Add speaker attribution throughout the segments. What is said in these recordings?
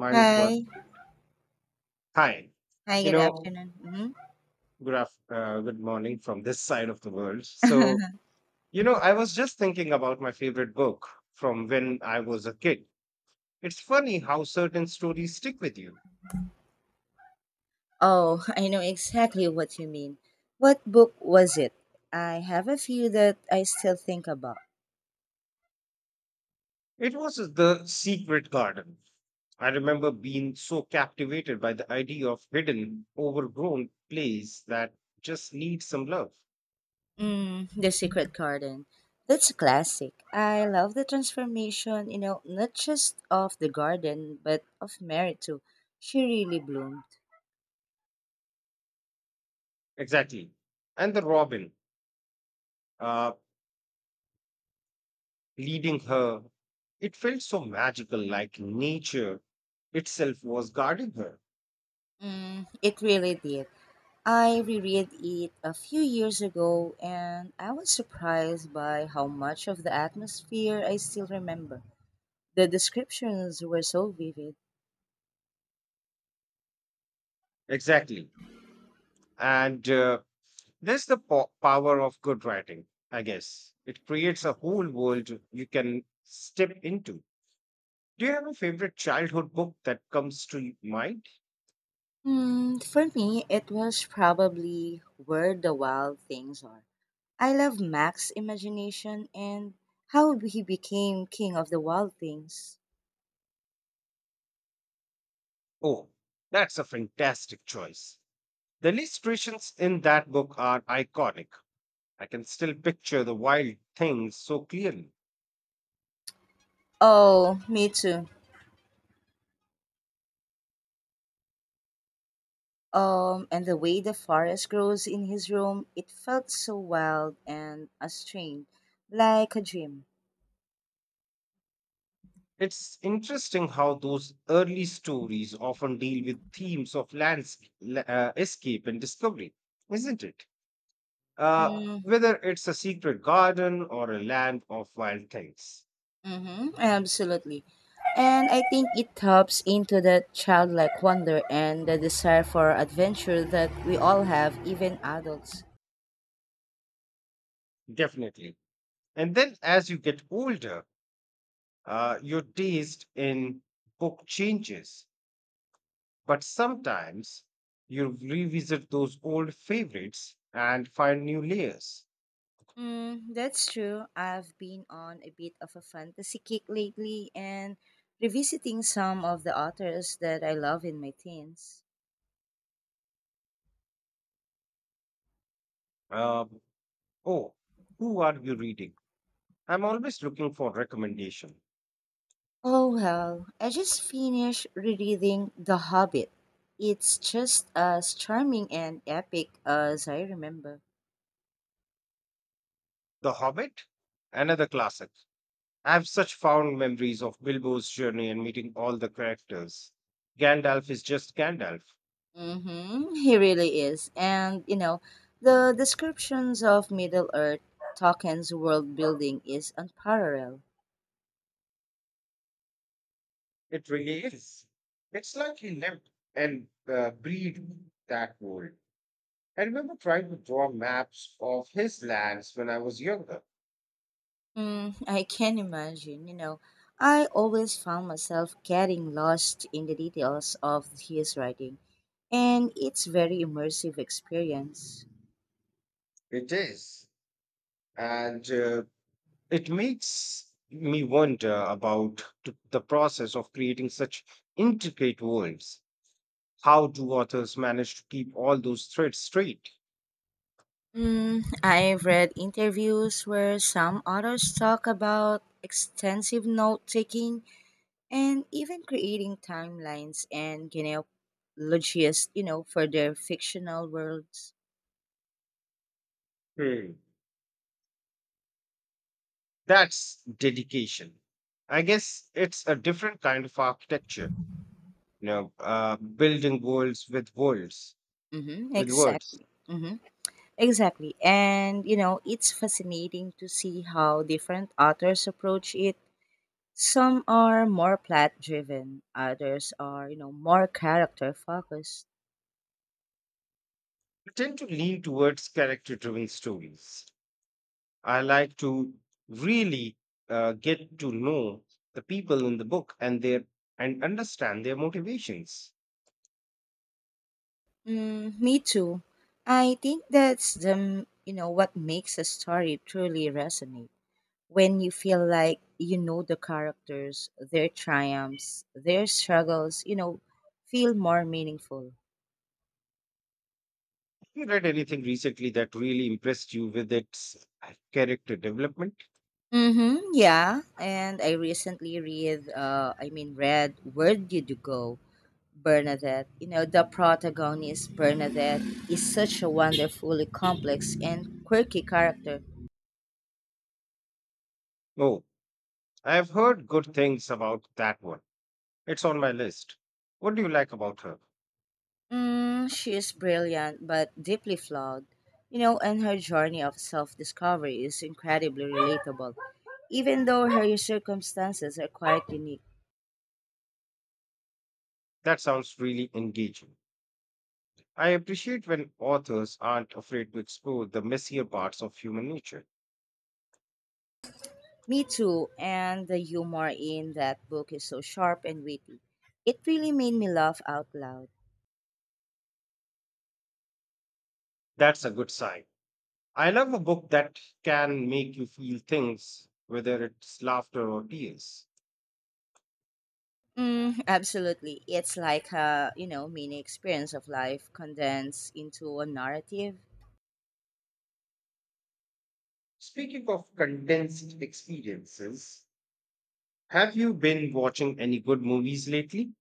Speaker 1: Mine was
Speaker 2: Hi.
Speaker 1: hi.
Speaker 2: Hi,
Speaker 1: You
Speaker 2: good
Speaker 1: know,
Speaker 2: afternoon.
Speaker 1: Good morning from this side of the world. So, I was just thinking about my favorite book from when I was a kid. It's funny how certain stories stick with you.
Speaker 2: Oh, I know exactly what you mean. What book was it? I have a few that I still think about.
Speaker 1: It was The Secret Garden. I remember being so captivated by the idea of hidden, overgrown place that just needs some love.
Speaker 2: Mm, The Secret Garden. That's a classic. I love the transformation, you know, not just of the garden, but of Mary too. She really bloomed.
Speaker 1: Exactly. And the robin. Uh, Leading her. It felt so magical, like nature itself was guarding her.
Speaker 2: Mm, it really did. I reread it a few years ago and I was surprised by how much of the atmosphere I still remember. The descriptions were so vivid.
Speaker 1: Exactly. And there's the power of good writing, I guess. It creates a whole world you can step into. Do you have a favorite childhood book that comes to mind?
Speaker 2: Hmm, for me, it was probably Where the Wild Things Are. I love Mac's imagination and how he became king of the wild things.
Speaker 1: Oh, that's a fantastic choice. The illustrations in that book are iconic. I can still picture the wild things so clearly.
Speaker 2: Oh, me too. And the way the forest grows in his room, it felt so wild and strange, like a dream.
Speaker 1: It's interesting how those early stories often deal with themes of landscape, escape and discovery, isn't it? Whether it's a secret garden or a land of wild things,
Speaker 2: Mm-hmm, absolutely. And I think it taps into that childlike wonder and the desire for adventure that we all have, even adults.
Speaker 1: definitely. And then as you get older, your taste in book changes, but sometimes you revisit those old favorites and find new layers.
Speaker 2: Mm, that's true. I've been on a bit of a fantasy kick lately and revisiting some of the authors that I love in my teens.
Speaker 1: Um, oh, who are you reading? I'm always looking for recommendation.
Speaker 2: Oh well, I just finished rereading The Hobbit. It's just as charming and epic as I remember.
Speaker 1: The Hobbit, another classic. I have such fond memories of Bilbo's journey and meeting all the characters. Gandalf is just Gandalf.
Speaker 2: Mm-hmm. He really is. And, you know, the descriptions of Middle Earth, Tolkien's world building is unparalleled.
Speaker 1: It really is. It's like he lived and breathed that world. I remember trying to draw maps of his lands when I was younger.
Speaker 2: Mm, I can imagine, you know. I always found myself getting lost in the details of his writing, and it's very immersive experience.
Speaker 1: It is, and it makes me wonder about the process of creating such intricate worlds. How do authors manage to keep all those threads straight?
Speaker 2: Mm, I've read interviews where some authors talk about extensive note taking and even creating timelines and genealogies, you know, for their fictional worlds.
Speaker 1: Hmm, That's dedication. I guess it's a different kind of architecture, you
Speaker 2: Mhm.
Speaker 1: know, building worlds with words,
Speaker 2: Mm-hmm,
Speaker 1: with words.
Speaker 2: exactly. Mm-hmm, exactly. And, you know, it's fascinating to see how different authors approach it. Some are more plot driven, others are, you know, more character focused.
Speaker 1: I tend to lean towards character-driven stories. I like to really get to know the people in the book and their and understand their motivations.
Speaker 2: Mm, me too. I think that's the, you know, what makes a story truly resonate. When you feel like you know the characters, their triumphs, their struggles, you know, feel more meaningful.
Speaker 1: You read anything recently that really impressed you with its character development?
Speaker 2: Mm-hmm, yeah. And I recently read, read Where Did You Go? Bernadette. You know, the protagonist, Bernadette, is such a wonderfully complex and quirky character.
Speaker 1: Oh, I have heard good things about that one. It's on my list. What do you like about her?
Speaker 2: Mm, she is brilliant but deeply flawed. You know, and her journey of self discovery is incredibly relatable, even though her circumstances are quite unique.
Speaker 1: That sounds really engaging. I appreciate when authors aren't afraid to explore the messier parts of human nature.
Speaker 2: Me too, and the humor in that book is so sharp and witty. It really made me laugh out loud.
Speaker 1: That's a good sign. I love a book that can make you feel things, whether it's laughter or tears.
Speaker 2: Mm, absolutely. It's like a, you know, mini experience of life condensed into a narrative.
Speaker 1: Speaking of condensed experiences, have you been watching any good movies lately?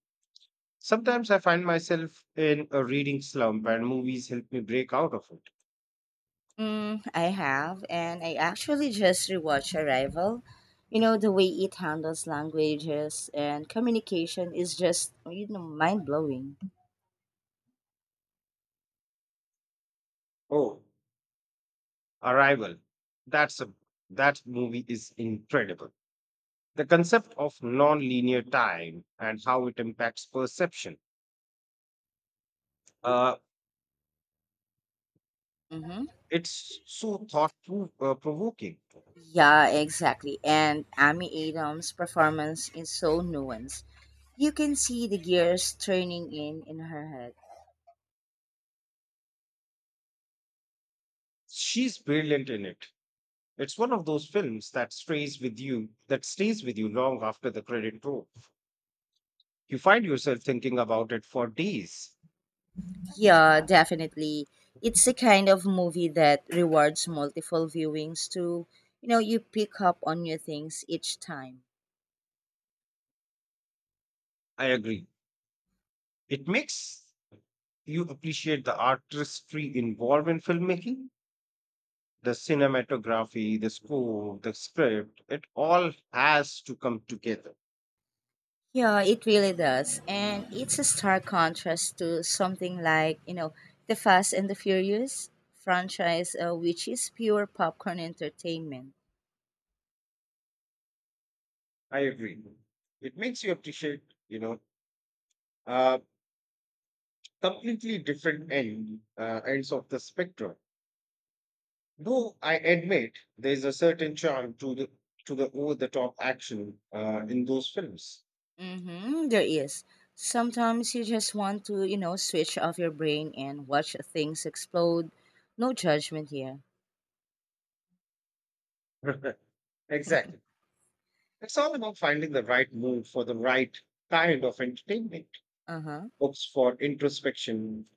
Speaker 1: Sometimes I find myself in a reading slump, and movies help me break out of it.
Speaker 2: Mm, I have, and I actually just rewatched Arrival. You know, the way it handles languages and communication is just, you know, mind blowing.
Speaker 1: Oh, Arrival. That's a that movie is incredible. The concept of non-linear time and how it impacts perception. Uh,
Speaker 2: Mm-hmm.
Speaker 1: it's so thought provoking.
Speaker 2: Yeah, exactly. And Amy Adams' performance is so nuanced. You can see the gears turning in her head.
Speaker 1: She's brilliant in it. It's one of those films that stays with you long after the credit roll. You find yourself thinking about it for days.
Speaker 2: Yeah, definitely. It's a kind of movie that rewards multiple viewings to, you know, you pick up on new things each time.
Speaker 1: I agree. It makes you appreciate the artistry involved in filmmaking, the cinematography, the score, the script. It all has to come together.
Speaker 2: Yeah, it really does. And it's a stark contrast to something like, you know, the Fast and the Furious franchise, which is pure popcorn entertainment.
Speaker 1: I agree. It makes you appreciate, you know, uh, completely different ends of the spectrum. Though I admit there is a certain charm to the over the top action in those films.
Speaker 2: Mm-hmm, there is. Sometimes you just want to, you know, switch off your brain and watch things explode. No judgment here.
Speaker 1: Exactly. It's all about finding the right mood for the right kind of entertainment.
Speaker 2: Uh huh.
Speaker 1: Books for introspection,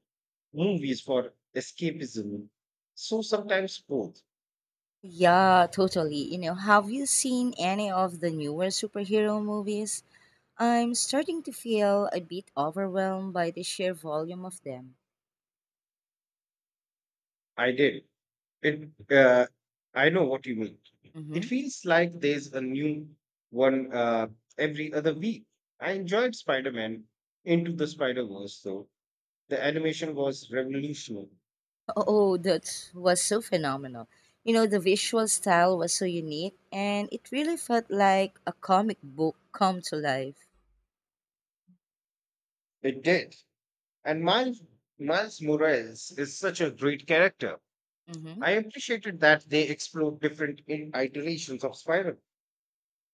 Speaker 1: movies for escapism. So sometimes both.
Speaker 2: Yeah, totally. You know, have you seen any of the newer superhero movies? I'm starting to feel a bit overwhelmed by the sheer volume of them.
Speaker 1: I did. It. I know what you mean. It
Speaker 2: Mm-hmm.
Speaker 1: feels like there's a new one every other week. I enjoyed Spider-Man Into the Spider-Verse though. The animation was revolutionary.
Speaker 2: Oh, that was so phenomenal. You know, the visual style was so unique, and it really felt like a comic book come to life.
Speaker 1: It did. And Miles Morales is such a great character.
Speaker 2: Mm-hmm.
Speaker 1: I appreciated that they explored different iterations of Spiral.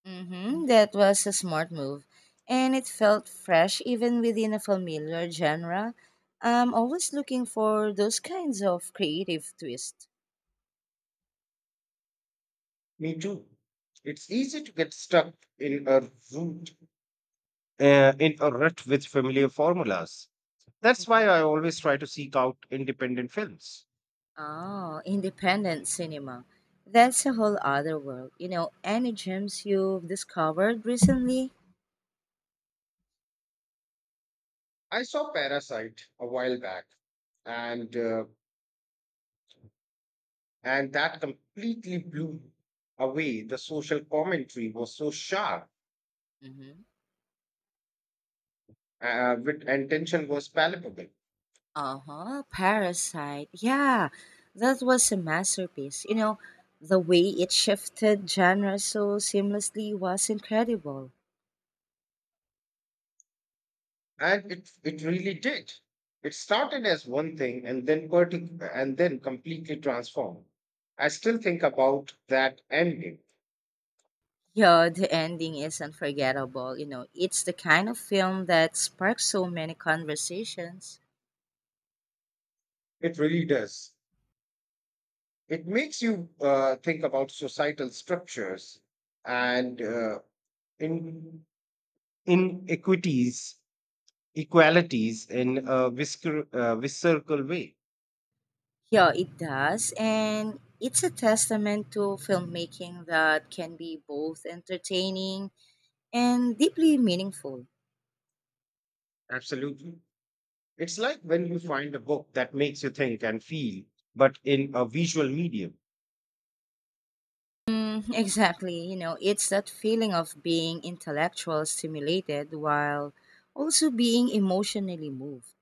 Speaker 2: Mm-hmm. That was a smart move. And it felt fresh even within a familiar genre. I'm always looking for those kinds of creative twists.
Speaker 1: Me too. It's easy to get stuck in a root, rut with familiar formulas. That's why
Speaker 2: hmm
Speaker 1: I always try to seek out independent films.
Speaker 2: Oh, independent cinema. That's a whole other world. You know, any gems you've discovered recently?
Speaker 1: I saw Parasite a while back, and uh, and that completely blew away. The social commentary was so sharp,
Speaker 2: Mm-hmm.
Speaker 1: and tension was palpable.
Speaker 2: Uh-huh. Parasite. Yeah. That was a masterpiece. You know, the way it shifted genre so seamlessly was incredible.
Speaker 1: And it really did. It started as one thing and then completely transformed. I still think about that ending.
Speaker 2: Yeah, the ending is unforgettable. You know, it's the kind of film that sparks so many conversations.
Speaker 1: It really does. It makes you think about societal structures and in inequities, equalities in a visceral way.
Speaker 2: Yeah, it does. And it's a testament to filmmaking that can be both entertaining and deeply meaningful.
Speaker 1: Absolutely. It's like when you find a book that makes you think and feel, but in a visual medium.
Speaker 2: Mm, exactly. You know, it's that feeling of being intellectual stimulated while also being emotionally moved.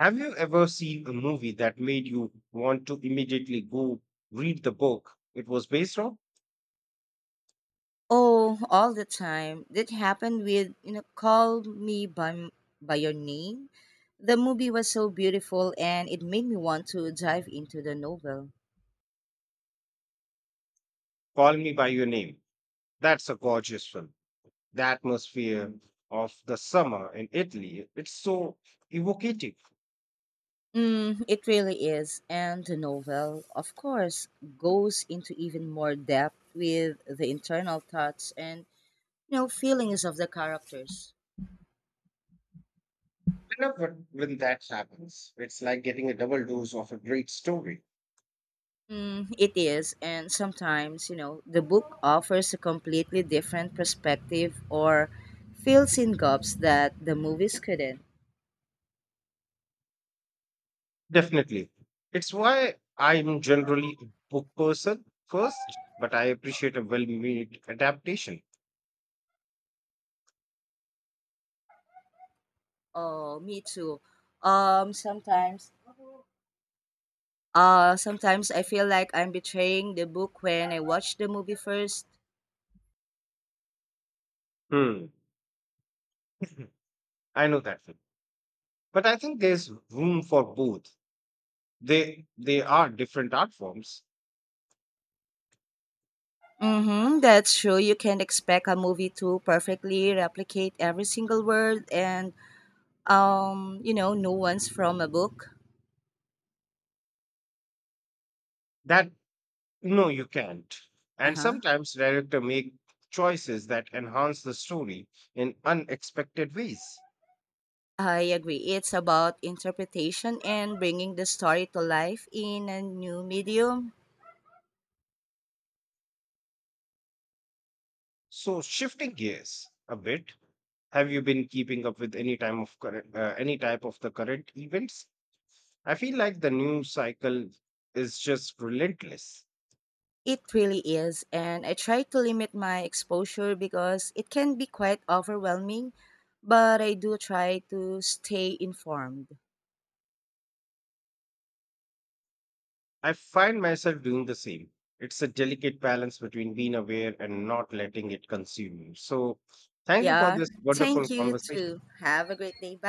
Speaker 1: Have you ever seen a movie that made you want to immediately go read the book it was based on?
Speaker 2: Oh, all the time. That happened with, you know, Call Me by Your Name. The movie was so beautiful and it made me want to dive into the novel.
Speaker 1: Call Me By Your Name. That's a gorgeous film. The atmosphere of the summer in Italy, it's so evocative.
Speaker 2: Mm, it really is. And the novel, of course, goes into even more depth with the internal thoughts and, you know, feelings of the characters.
Speaker 1: I love when that happens. It's like getting a double dose of a great story.
Speaker 2: Mm, it is, and sometimes, you know, the book offers a completely different perspective or fills in gaps that the movies couldn't.
Speaker 1: Definitely. It's why I'm generally a book person first, but I appreciate a well made adaptation.
Speaker 2: Oh, me too. Um, sometimes, Sometimes I feel like I'm betraying the book when I watch the movie first.
Speaker 1: Hmm. I know that film, but I think there's room for both. They are different art forms.
Speaker 2: Mm-hmm, that's true. You can expect a movie to perfectly replicate every single word and, you know, nuance from a book.
Speaker 1: That, no, you can't,
Speaker 2: Uh
Speaker 1: and
Speaker 2: huh.
Speaker 1: sometimes director make choices that enhance the story in unexpected ways.
Speaker 2: I agree. It's about interpretation and bringing the story to life in a new medium.
Speaker 1: So shifting gears a bit, have you been keeping up with any type of the current events? I feel like the news cycle is just relentless.
Speaker 2: It really is. And I try to limit my exposure because it can be quite overwhelming, but I do try to stay informed.
Speaker 1: I find myself doing the same. It's a delicate balance between being aware and not letting it consume you. So, thank you for
Speaker 2: Yeah.
Speaker 1: this wonderful
Speaker 2: Thank you
Speaker 1: conversation.
Speaker 2: too. Have a great day. Bye.